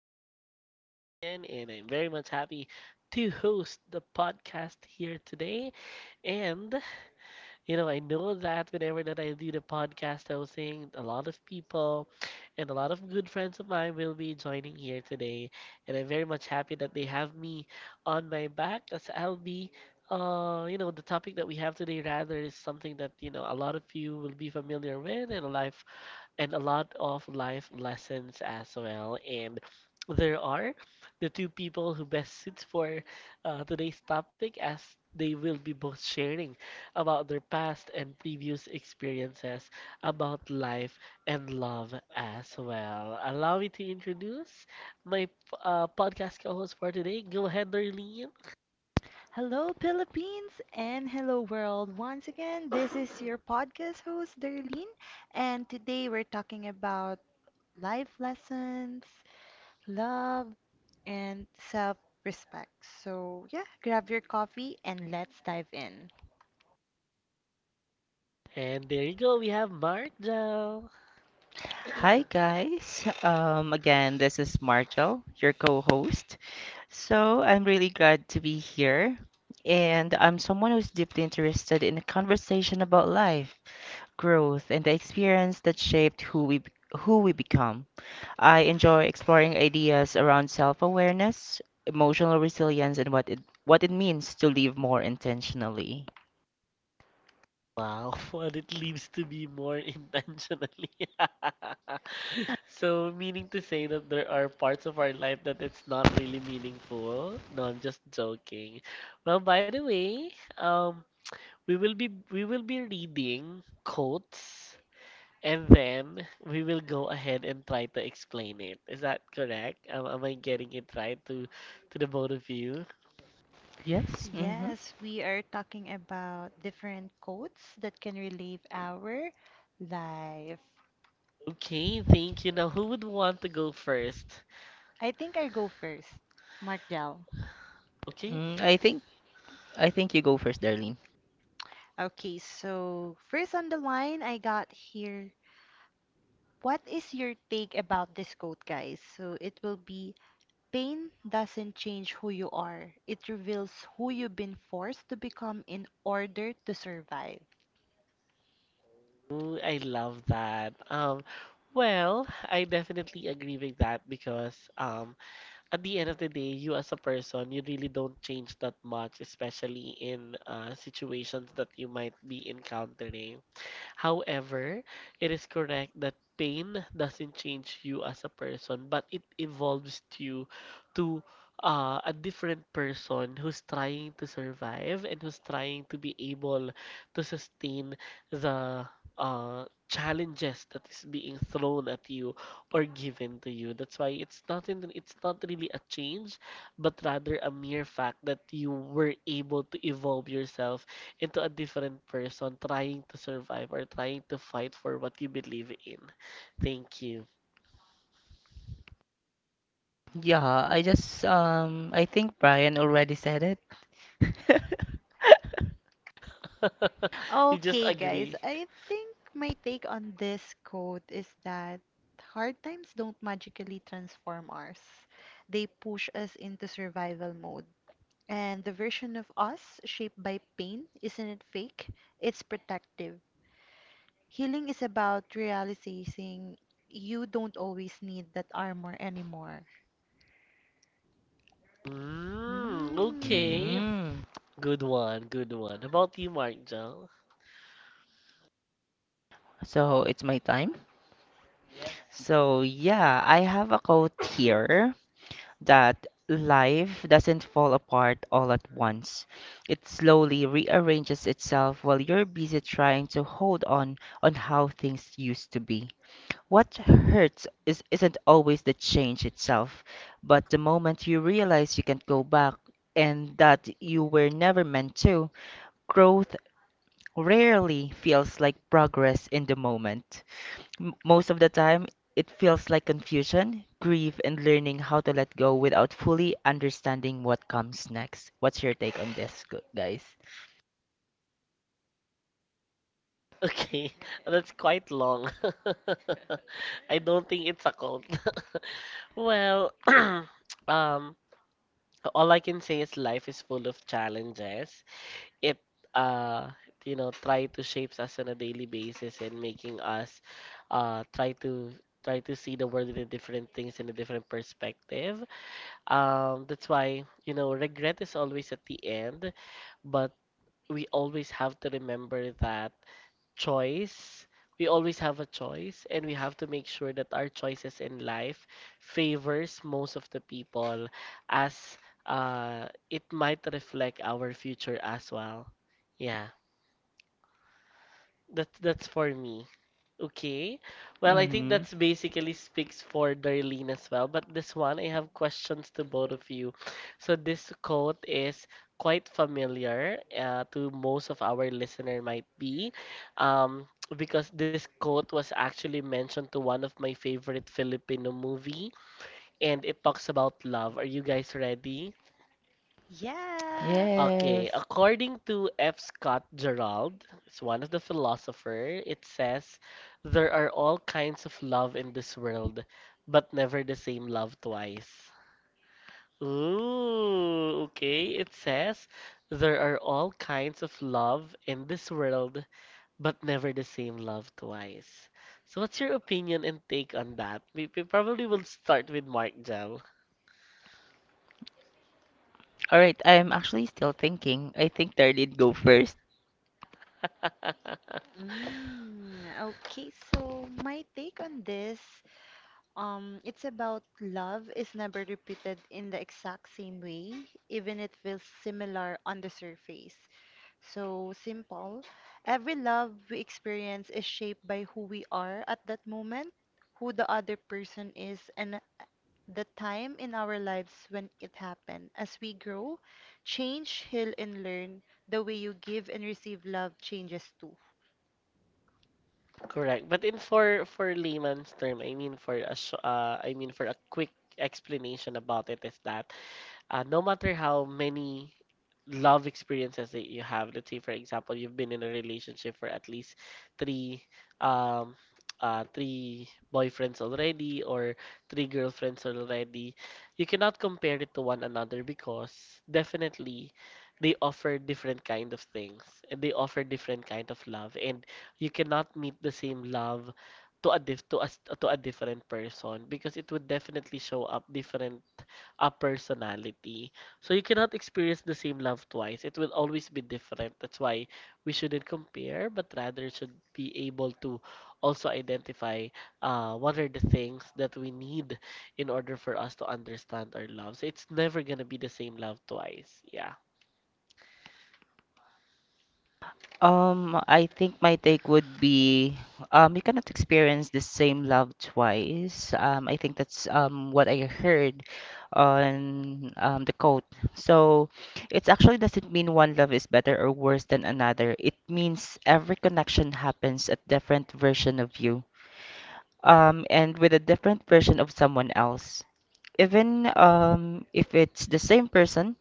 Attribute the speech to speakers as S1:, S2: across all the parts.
S1: My name is Brian, and I'm very much happy to host the podcast here today. And I know that whenever that I do the podcast hosting, a lot of people and a lot of good friends of mine will be joining here today. And I'm very much happy that they have me on my back as I'll be the topic that we have today rather is something that, a lot of you will be familiar with and a life and a lot of life lessons as well. And there are the two people who best suits for today's topic as they will be both sharing about their past and previous experiences about life and love as well. Allow me to introduce my podcast co-host for today. Go ahead, Darlene.
S2: Hello, Philippines, and hello, world. Once again, this is your podcast host, Darlene, and today we're talking about life lessons, love, and self respect. So, yeah, grab your coffee and let's dive in.
S1: And there you go. We have Mark Jell.
S3: Hi guys. Again, this is Martel, your co-host. So I'm really glad to be here, and I'm someone who's deeply interested in a conversation about life, growth, and the experience that shaped who we become. I enjoy exploring ideas around self-awareness, emotional resilience, and what it means to live more intentionally.
S1: Wow, what it leaves to be more intentionally. So, meaning to say that there are parts of our life that it's not really meaningful. No, I'm just joking. Well, by the way, we will be reading quotes and then we will go ahead and try to explain it. Is that correct? Am I getting it right to the both of you?
S3: Yes. Mm-hmm.
S2: Yes, we are talking about different quotes that can relieve our life.
S1: Okay, thank you. Now, who would want to go first?
S2: I think I go first. Mark Dell.
S1: Okay.
S3: Mm, I think I think you go first, Darlene.
S2: Okay, so first on the line, I got here. What is your take about this quote, guys? So it will be: pain doesn't change who you are, it reveals who you've been forced to become in order to survive.
S1: Ooh, I love that. Well, I definitely agree with that because at the end of the day, you as a person, you really don't change that much, especially in situations that you might be encountering. However, it is correct that pain doesn't change you as a person, but it evolves you to a different person who's trying to survive and who's trying to be able to sustain the challenges that is being thrown at you or given to you. That's why it's not really a change, but rather a mere fact that you were able to evolve yourself into a different person trying to survive or trying to fight for what you believe in. Thank you.
S3: Yeah, I just I think Brian already said it.
S1: You just
S2: Okay, guys,
S1: agree.
S2: I think my take on this quote is that hard times don't magically transform us, they push us into survival mode. And the version of us shaped by pain, isn't it fake? It's protective. Healing is about realizing you don't always need that armor anymore.
S1: Mm, okay.
S2: Mm,
S3: Mm,
S1: Good one, good one. How about you, Mark Jal?
S3: so it's my time. So yeah, I have a quote here that life doesn't fall apart all at once. It slowly rearranges itself while you're busy trying to hold on how things used to be. What hurts isn't always the change itself, but the moment you realize you can't go back and that you were never meant to. Growth rarely feels like progress in the moment. Most of the time, it feels like confusion, grief, and learning how to let go without fully understanding what comes next. What's your take on this, guys?
S1: Okay, that's quite long. I don't think it's a cult. Well, um, so, all I can say is life is full of challenges. It uh you know try to shapes us on a daily basis and making us try to try to see the world in a different things in a different perspective. That's why, you know, regret is always at the end, but we always have to remember that choice. We always have a choice, and we have to make sure that our choices in life favors most of the people, as it might reflect our future as well. Yeah. That's for me. Okay. Well, I think
S3: Mhm.
S1: that's basically speaks for Darlene as well. But this one, I have questions to both of you. So this quote is quite familiar to most of our listener might be, um, because this quote was actually mentioned to one of my favorite Filipino movie, and it talks about love. Are you guys ready?
S2: yes.
S1: Okay,
S3: Yes.
S1: according to F. Scott Gerald, it's one of the philosopher, it says there are all kinds of love in this world, but never the same love twice. Ooh, okay. It says there are all kinds of love in this world, but never the same love twice. So what's your opinion and take on that? We probably will start with Mark Gel.
S3: All right, I'm actually still thinking. I think Darlene go first.
S2: Mm, okay, so my take on this, it's about love is never repeated in the exact same way, even it feels similar on the surface. So simple. Every love we experience is shaped by who we are at that moment, who the other person is, and the time in our lives when it happened. As we grow, change, heal, and learn, the way you give and receive love changes too.
S1: Correct. But in for layman's term, I mean for a I mean for a quick explanation about it is that no matter how many love experiences that you have, let's say for example, you've been in a relationship for at least three um three boyfriends already or three girlfriends already, you cannot compare it to one another because definitely they offer different kind of things and they offer different kind of love and you cannot meet the same love to a diff to a, s- to a different person because it would definitely show up different a personality. So you cannot experience the same love twice. It will always be different. That's why we shouldn't compare, but rather should be able to also identify what are the things that we need in order for us to understand our love. So it's never gonna be the same love twice. Yeah.
S3: I think my take would be you cannot experience the same love twice. I think that's what I heard on the quote. So it actually doesn't mean one love is better or worse than another. It means every connection happens a different version of you, and with a different version of someone else. Even if it's the same person,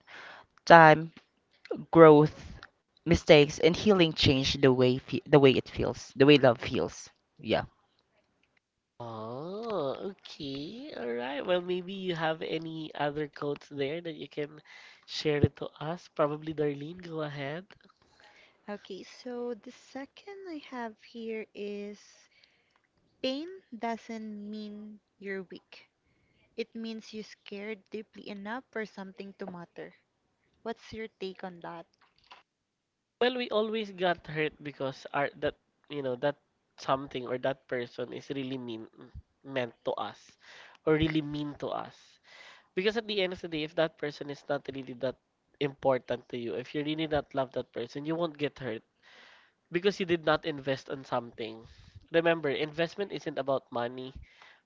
S3: time, growth, mistakes, and healing change the way it feels, the way love feels. Yeah.
S1: Oh, okay. All right. Well, maybe you have any other quotes there that you can share it to us. Probably Darlene, go ahead.
S2: Okay, so the second I have here is pain doesn't mean you're weak. It means you scared deeply enough for something to matter. What's your take on that?
S1: Well, we always got hurt because our that you know that something or that person is really mean meant to us or really mean to us. Because at the end of the day, if that person is not really that important to you, if you really not love that person, you won't get hurt because you did not invest on something. Remember, investment isn't about money.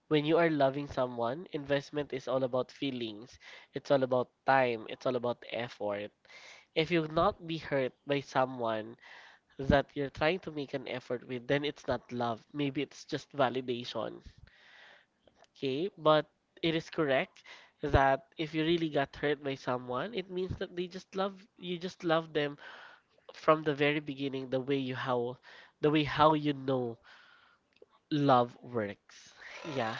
S1: When you are loving someone, investment is all about feelings. It's all about time. It's all about effort. If you not be hurt by someone, that you're trying to make an effort with, then it's not love. Maybe it's just validation. Okay? But it is correct that if you really got hurt by someone, it means that they just love you just love them from the very beginning the way how you know love works. Yeah.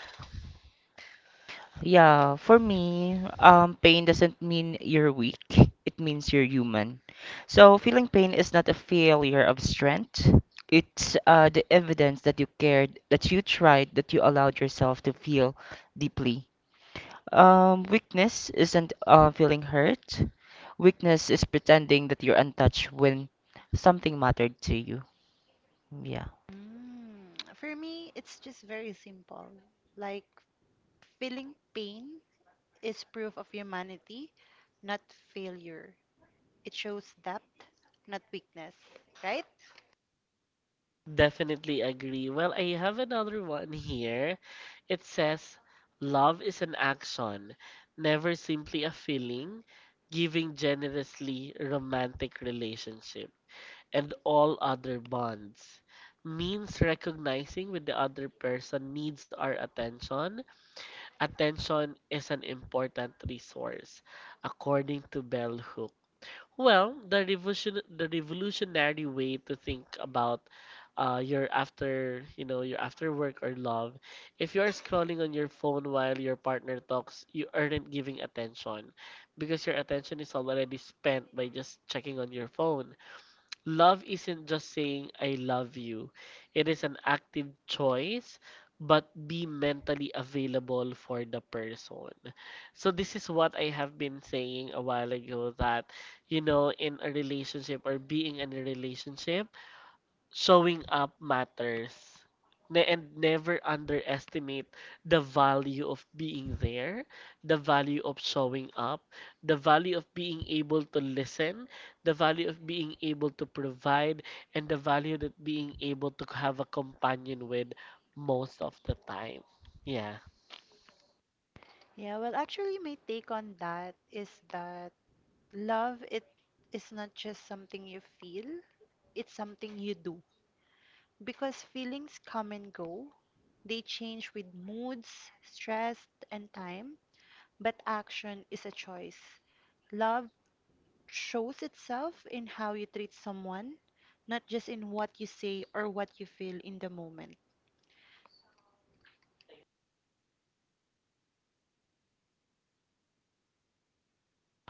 S3: Yeah, for me, pain doesn't mean you're weak. It means you're human. So feeling pain is not a failure of strength. It's the evidence that you cared, that you tried, that you allowed yourself to feel deeply. Weakness isn't feeling hurt. Weakness is pretending that you're untouched when something mattered to you. Yeah.
S2: Mm, for me, it's just very simple. Like, feeling pain is proof of humanity, not failure. It shows depth, not weakness, right?
S1: Definitely agree. Well, I have another one here. It says, love is an action, never simply a feeling, giving generously romantic relationship and all other bonds. Means recognizing when the other person needs our attention. Attention is an important resource, according to bell hooks. Well, the revolutionary way to think about your after you know your after work or love. If you're scrolling on your phone while your partner talks, you aren't giving attention because your attention is already spent by just checking on your phone. Love isn't just saying I love you. It is an active choice, but be mentally available for the person. So this is what I have been saying a while ago that you know in a relationship or being in a relationship, showing up matters and never underestimate the value of being there, the value of showing up, the value of being able to listen, the value of being able to provide, and the value that being able to have a companion with most of the time. Yeah.
S2: Yeah, well, actually, my take on that is that love it is not just something you feel, it's something you do. Because feelings come and go, they change with moods, stress, and time, but action is a choice. Love shows itself in how you treat someone, not just in what you say or what you feel in the moment.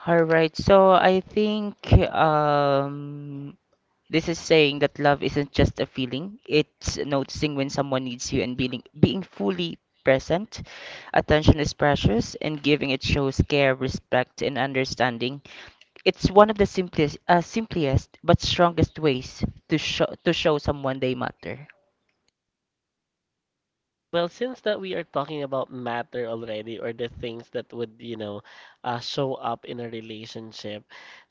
S3: All right. So I think um, this is saying that love isn't just a feeling. It's noticing when someone needs you and being fully present. Attention is precious, and giving it shows care, respect, and understanding. It's one of the simplest but strongest ways to show someone they matter.
S1: Well, since that we are talking about matter already or the things that would, you know, show up in a relationship.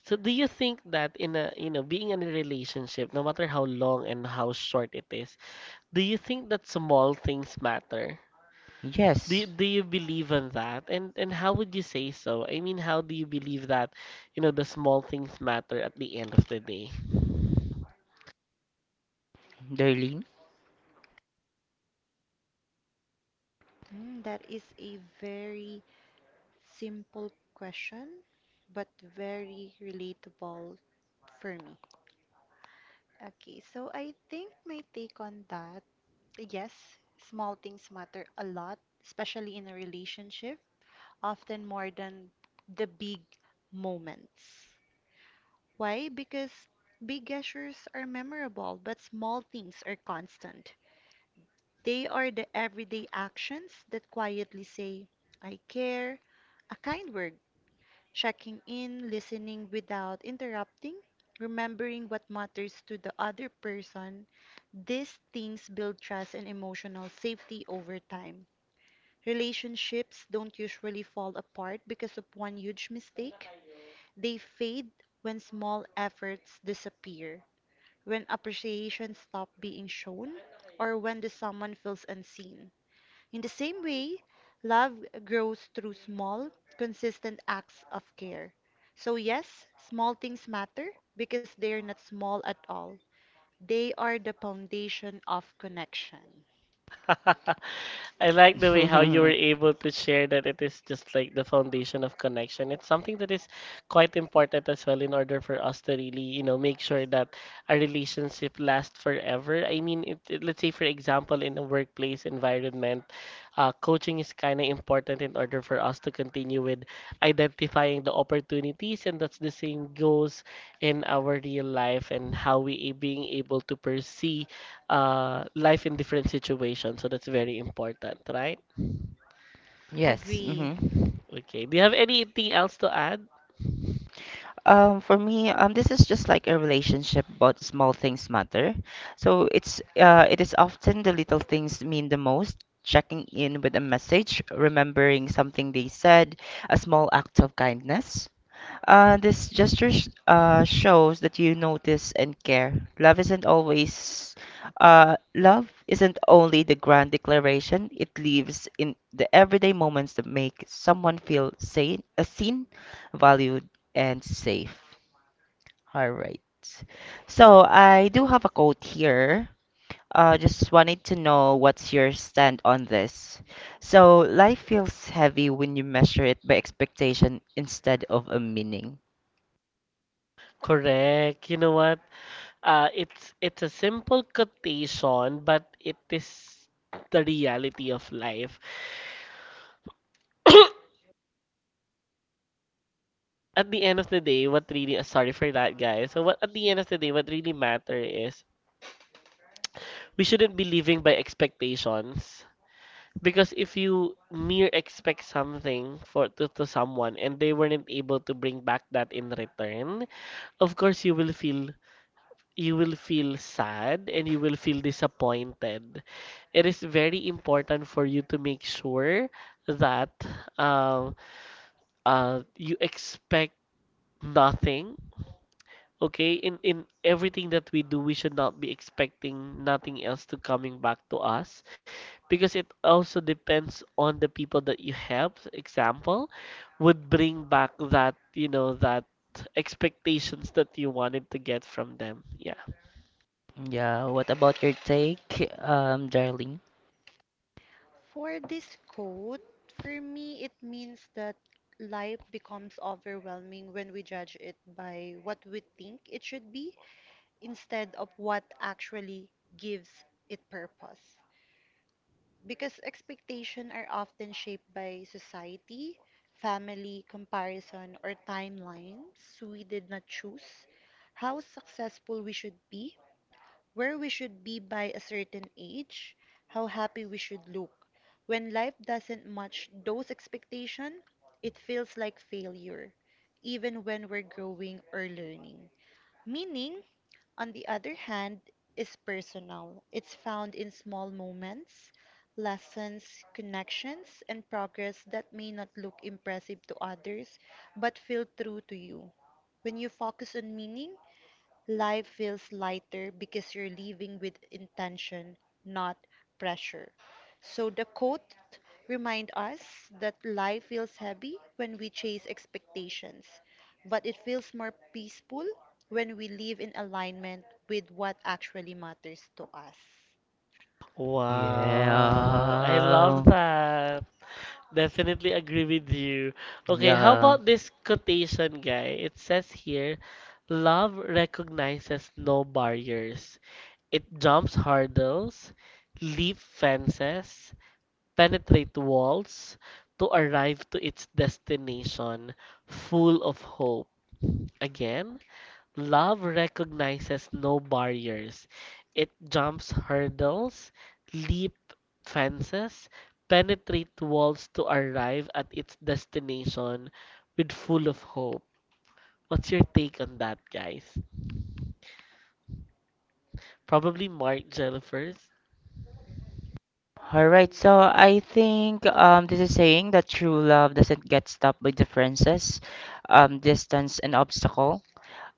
S1: So do you think that in a, you know, being in a relationship, no matter how long and how short it is, do you think that small things matter? Do you,
S3: Yes,
S1: do you believe in that? And how would you say so? I mean, how do you believe that, you know, the small things matter at the end of the day?
S3: Darlene.
S2: Mm, that is a very simple question, but very relatable for me. Okay, so I think my take on that, yes, small things matter a lot, especially in a relationship, often more than the big moments. Why? Because big gestures are memorable, but small things are constant. They are the everyday actions that quietly say, I care, a kind word, checking in, listening without interrupting, remembering what matters to the other person. These things build trust and emotional safety over time. Relationships don't usually fall apart because of one huge mistake. They fade when small efforts disappear, when appreciation stops being shown, or when the someone feels unseen. In the same way, love grows through small, consistent acts of care. So, yes, small things matter because they're not small at all. They are the foundation of connection.
S1: I like the way how you were able to share that it is just like the foundation of connection. It's something that is quite important as well in order for us to really, you know, make sure that a relationship lasts forever. I mean, let's say for example, in a workplace environment, coaching is kind of important in order for us to continue with identifying the opportunities, and that's the same goes in our real life and how we being able to perceive life in different situations. So that's very important, right?
S3: yes. hmm
S2: Agree.
S1: Okay. Do you have anything else to add?
S3: For me, this is just like a relationship, but small things matter. So it is often the little things mean the most. Checking in with a message, remembering something they said, a small act of kindness. This gesture shows that you notice and care. Love isn't always, Love isn't only the grand declaration. It lives in the everyday moments that make someone feel seen, valued, and safe. All right. So I do have a quote here. Just wanted to know what's your stand on this. So life feels heavy when you measure it by expectation instead of a meaning.
S1: Correct. You know what? It's a simple quotation, but it is the reality of life. At the end of the day, what really sorry for that, guys. So what at the end of the day, what really matter is we shouldn't be living by expectations. Because if you mere expect something to someone and they weren't able to bring back that in return, of course you will feel sad and you will feel disappointed. It is very important for you to make sure that um you expect nothing. Okay, in everything that we do, we should not be expecting nothing else to coming back to us, because it also depends on the people that you have example would bring back that you know that expectations that you wanted to get from them. Yeah.
S3: Yeah, what about your take, Darling?
S2: For this quote, for me, it means that life becomes overwhelming when we judge it by what we think it should be instead of what actually gives it purpose. Because expectations are often shaped by society, family, comparison, or timelines we did not choose, how successful we should be, where we should be by a certain age, how happy we should look. When life doesn't match those expectations, it feels like failure, even when we're growing or learning. Meaning, on the other hand, is personal. It's found in small moments, lessons, connections, and progress that may not look impressive to others but feel true to you. When you focus on meaning, life feels lighter because you're living with intention, not pressure. So the quote remind us that life feels heavy when we chase expectations, but it feels more peaceful when we live in alignment with what actually matters to us.
S1: Wow, I love
S3: Yeah,
S1: that. Definitely agree with you. Okay, how
S3: yeah.
S1: about this quotation, guy? It says here, love recognizes no barriers, it jumps hurdles, leap fences, penetrate walls to arrive to its destination full of hope. Again, love recognizes no barriers. It jumps hurdles, leap fences, penetrate walls to arrive at its destination with full of hope. What's your take on that, guys? Probably Mark Jellifer,
S3: All right, so I think this is saying that true love doesn't get stopped by differences, distance, and obstacle.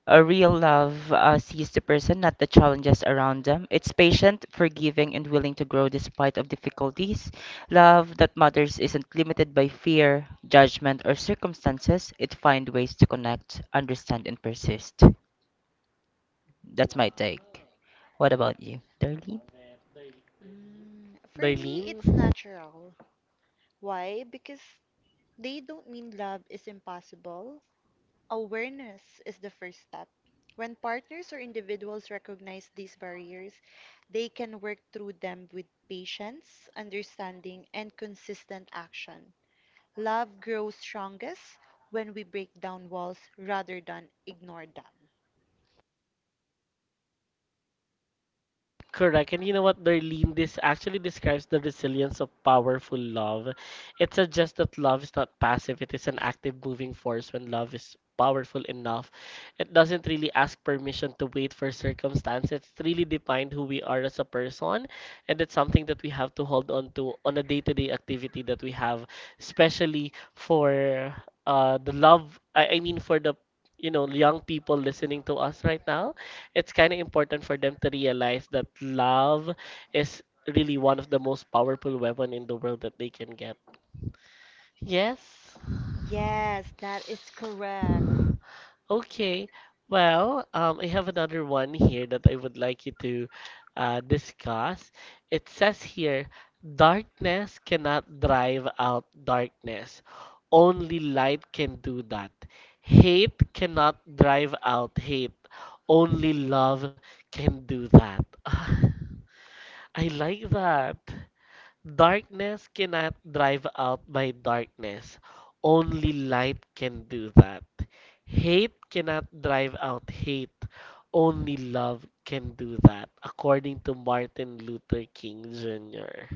S3: A real love sees the person, not the challenges around them. It's patient, forgiving, and willing to grow despite of difficulties. Love that matters isn't limited by fear, judgment, or circumstances. It finds ways to connect, understand, and persist. That's my take. What about you, Darlene?
S2: Mm, for me,
S1: Darlene?
S2: it's natural. Why? Because they don't mean love is impossible. Awareness is the first step. When partners or individuals recognize these barriers, they can work through them with patience, understanding, and consistent action. Love grows strongest when we break down walls rather than ignore them.
S1: Correct. And you know what, Darlene, this actually describes the resilience of powerful love. It suggests that love is not passive, it is an active moving force when love is powerful enough. It doesn't really ask permission to wait for circumstance. It's really defined who we are as a person, and it's something that we have to hold on to on a day-to-day activity that we have, especially for the love, for the young people listening to us right now, it's kind of important for them to realize that love is really one of the most powerful weapon in the world that they can get. Yes.
S2: Yes, that is correct.
S1: Okay. Well, I have another one here that I would like you to discuss. It says here, darkness cannot drive out darkness. Only light can do that. Hate cannot drive out hate. Only love can do that. I like that. Darkness cannot drive out my darkness. Only light can do that. Hate cannot drive out hate. Only love can do that, according to Martin Luther King Jr.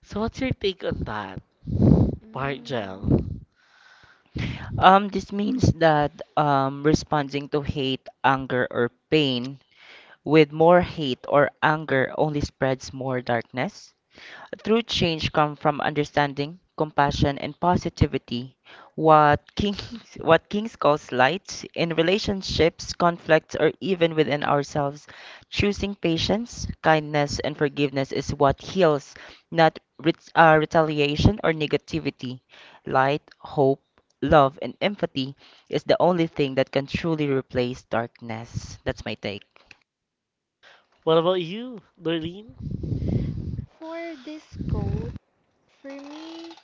S1: So, what's your take on that,
S2: Mm,
S1: Margel?
S3: This means that responding to hate, anger, or pain with more hate or anger only spreads more darkness. True change comes from understanding, compassion, and positivity. What Kings, what Kings calls light in relationships, conflicts, or even within ourselves, choosing patience, kindness, and forgiveness is what heals, not retaliation or negativity. Light, hope, love, and empathy is the only thing that can truly replace darkness. That's my take.
S1: What about you, Doreen?
S2: for this quote, for me,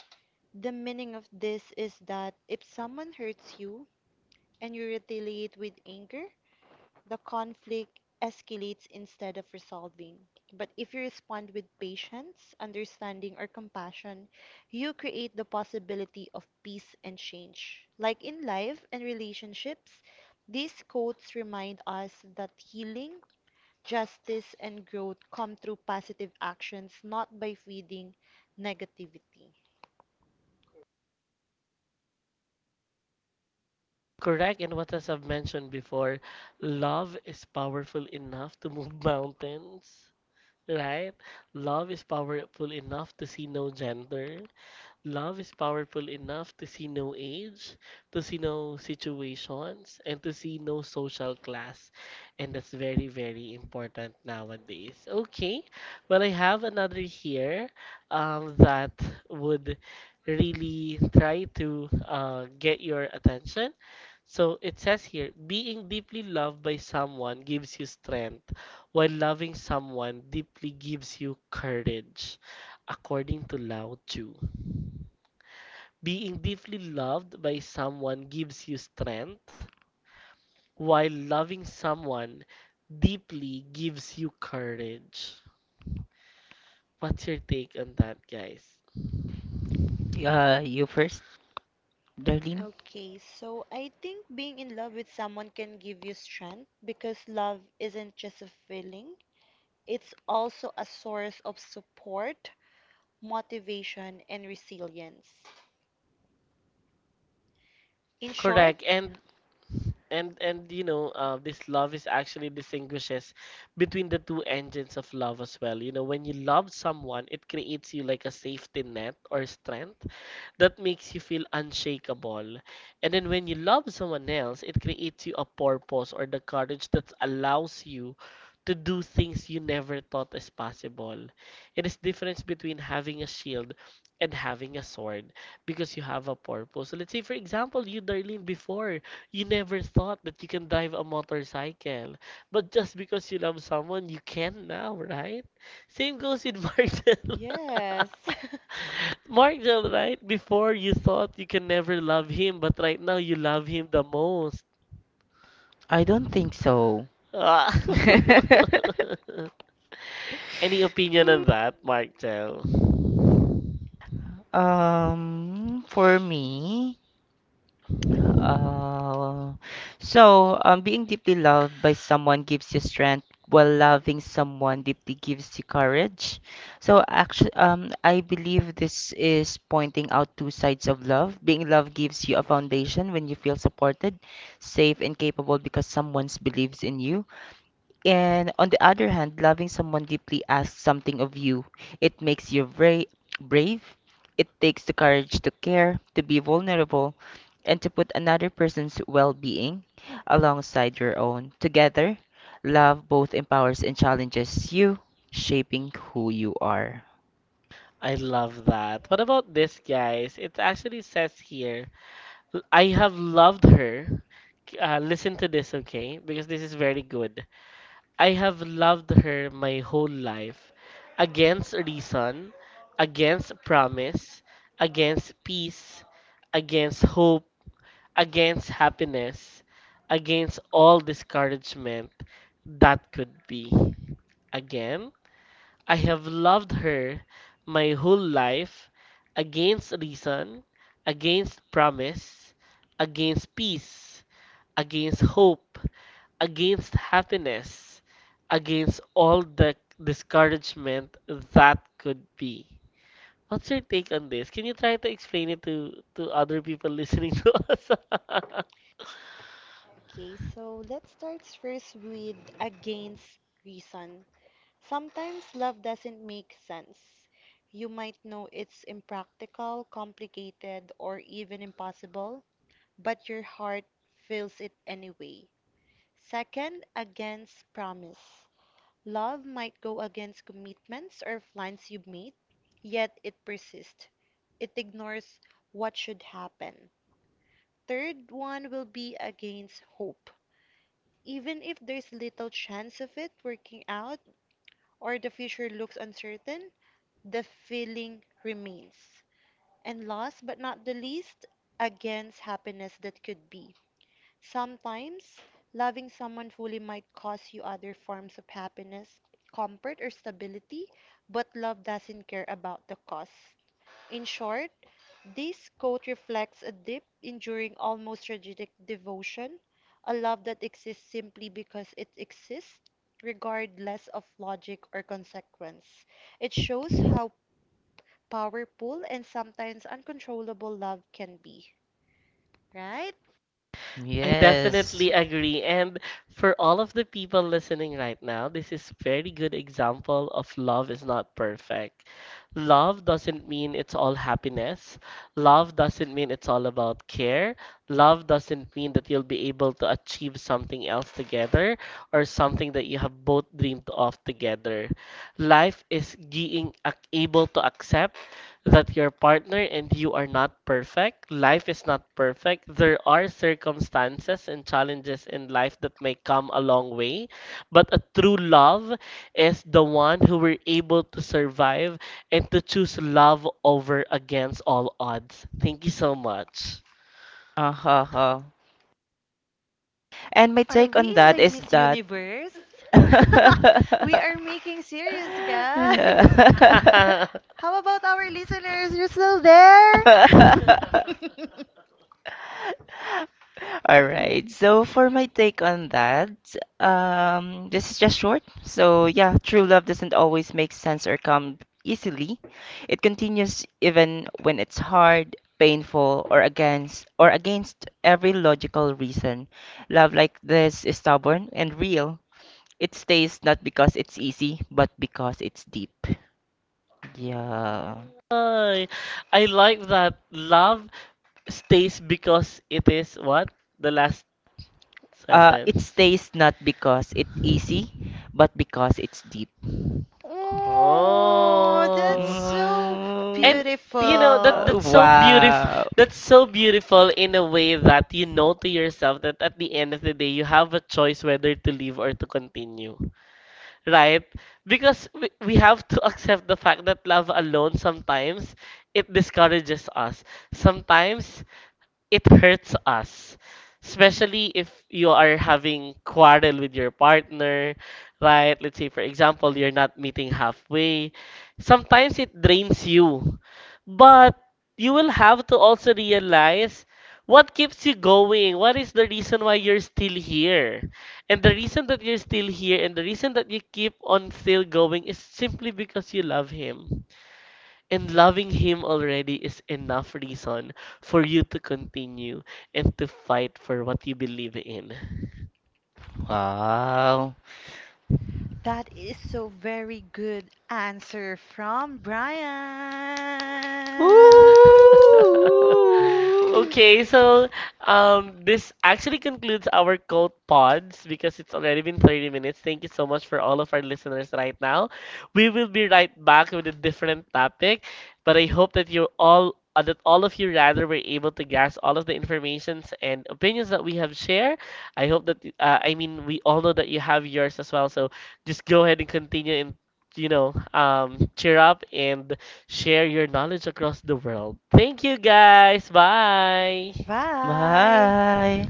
S2: the meaning of this is that if someone hurts you and you retaliate with anger, the conflict escalates instead of resolving. But if you respond with patience, understanding, or compassion, you create the possibility of peace and change. Like in life and relationships, these quotes remind us that healing, justice, and growth come through positive actions, not by feeding negativity.
S1: Correct, and what as I've mentioned before, love is powerful enough to move mountains, right? Love is powerful enough to see no gender, love is powerful enough to see no age, to see no situations, and to see no social class. And that's very, very important nowadays. Okay, well, I have another here that would really try to get your attention. So it says here, being deeply loved by someone gives you strength, while loving someone deeply gives you courage, according to Lao Tzu. Being deeply loved by someone gives you strength, while loving someone deeply gives you courage. What's your take on that, guys?
S3: You first, Darlene.
S2: Okay, so I think being in love with someone can give you strength because love isn't just a feeling, it's also a source of support, motivation, and resilience. In short,
S1: Correct. And you know, this love is actually distinguishes between the two engines of love as well. You know, when you love someone, it creates you like a safety net or strength that makes you feel unshakable. And then when you love someone else, it creates you a purpose or the courage that allows you to do things you never thought is possible. It is difference between having a shield and having a sword because you have a purpose. So let's say for example, you Darlene before, you never thought that you can drive a motorcycle. But just because you love someone, you can now, right? Same goes with Marcel.
S2: yes.
S1: Markel, right? Before you thought you can never love him, but right now you love him the most.
S3: I don't think so.
S1: Ah. Any opinion
S3: on
S1: on that, Markel?
S3: For me, uh, being deeply loved by someone gives you strength, while loving someone deeply gives you courage. So actually, I believe this is pointing out two sides of love. Being loved gives you a foundation when you feel supported, safe, and capable because someone believes in you. And on the other hand, loving someone deeply asks something of you. It makes you very brave. It takes the courage to care, to be vulnerable, and to put another person's well being alongside your own. Together, love both empowers and challenges you, shaping who you are.
S1: I love that. What about this, guys? It actually says here, I have loved her. Listen to this, okay? Because this is very good. I have loved her my whole life. Against reason, against promise, against peace, against hope, against happiness, against all discouragement that could be. Again, I have loved her my whole life against reason, against promise, against peace, against hope, against happiness, against all the discouragement that could be. What's your take on this? Can you try to explain it to other people listening to us?
S2: Okay, so let's start first with against reason. Sometimes love doesn't make sense. You might know it's impractical, complicated, or even impossible, but your heart feels it anyway. Second, against promise. Love might go against commitments or plans you made, yet it persists. It ignores what should happen. Third one will be against hope. Even if there's little chance of it working out or the future looks uncertain, the feeling remains. And last but not the least, against happiness that could be. Sometimes, loving someone fully might cost you other forms of happiness, comfort, or stability, but love doesn't care about the cost. In short, this quote reflects a deep, enduring, almost tragic devotion, a love that exists simply because it exists, regardless of logic or consequence. It shows how powerful and sometimes uncontrollable love can be. Right?
S1: I
S3: Yes.
S1: definitely agree. And for all of the people listening right now, this is very good example of love is not perfect. Love doesn't mean it's all happiness. Love doesn't mean it's all about care. Love doesn't mean that you'll be able to achieve something else together or something that you have both dreamed of together. Life is being able to accept that your partner and you are not perfect. Life is not perfect. There are circumstances and challenges in life that may come a long way, but a true love is the one who were able to survive and to choose love over against all odds. Thank you so much.
S3: Uh huh. And my
S2: Are
S3: take
S2: we
S3: on
S2: in
S3: that
S2: the
S3: is
S2: Miss
S3: that
S2: Universe?
S3: All
S2: We are making serious, guys. How about our listeners? You're still there?
S3: right. So for my take on that, this is just short. So yeah, true love doesn't always make sense or come easily. It continues even when it's hard, painful, or against every logical reason. Love like this is stubborn and real. It stays not because it's easy, but because it's deep. Yeah.
S1: Ay, I like that love stays because it is what? The last
S3: It
S1: sentence.
S3: stays not because it's easy, but because it's deep.
S2: Oh, that's
S1: Oh.
S2: so
S3: Mm,
S1: And
S3: uh,
S1: you know that
S2: beautiful.
S1: that's so beautiful,
S3: wow.
S1: that's so beautiful in a way that you know to yourself that at the end of the day you have a choice whether to leave or to continue. Right? Because we have to accept the fact that love alone sometimes it discourages us. Sometimes it hurts us, especially if you are having quarrel with your partner, right? Let's say for example you're not meeting halfway, sometimes it drains you, but you will have to also realize what keeps you going, what is the reason why you're still here, and the reason that you're still here and the reason that you keep on still going is simply because you love him, and loving Him already is enough reason for you to continue and to fight for what you believe in.
S3: Wow.
S2: That is so very good answer from
S3: Woo!
S2: Brian. Ooh.
S1: Okay, so this actually concludes our code pods because it's already been 30 minutes. Thank you so much for all of our listeners right now. We will be right back with a different topic, but I hope that you all that all of you rather were able to grasp all of the informations and opinions that we have shared. I hope that we all know that you have yours as well. So just go ahead and continue and cheer up and share your knowledge across the world. Thank you guys. Bye.
S2: Bye.
S3: Bye.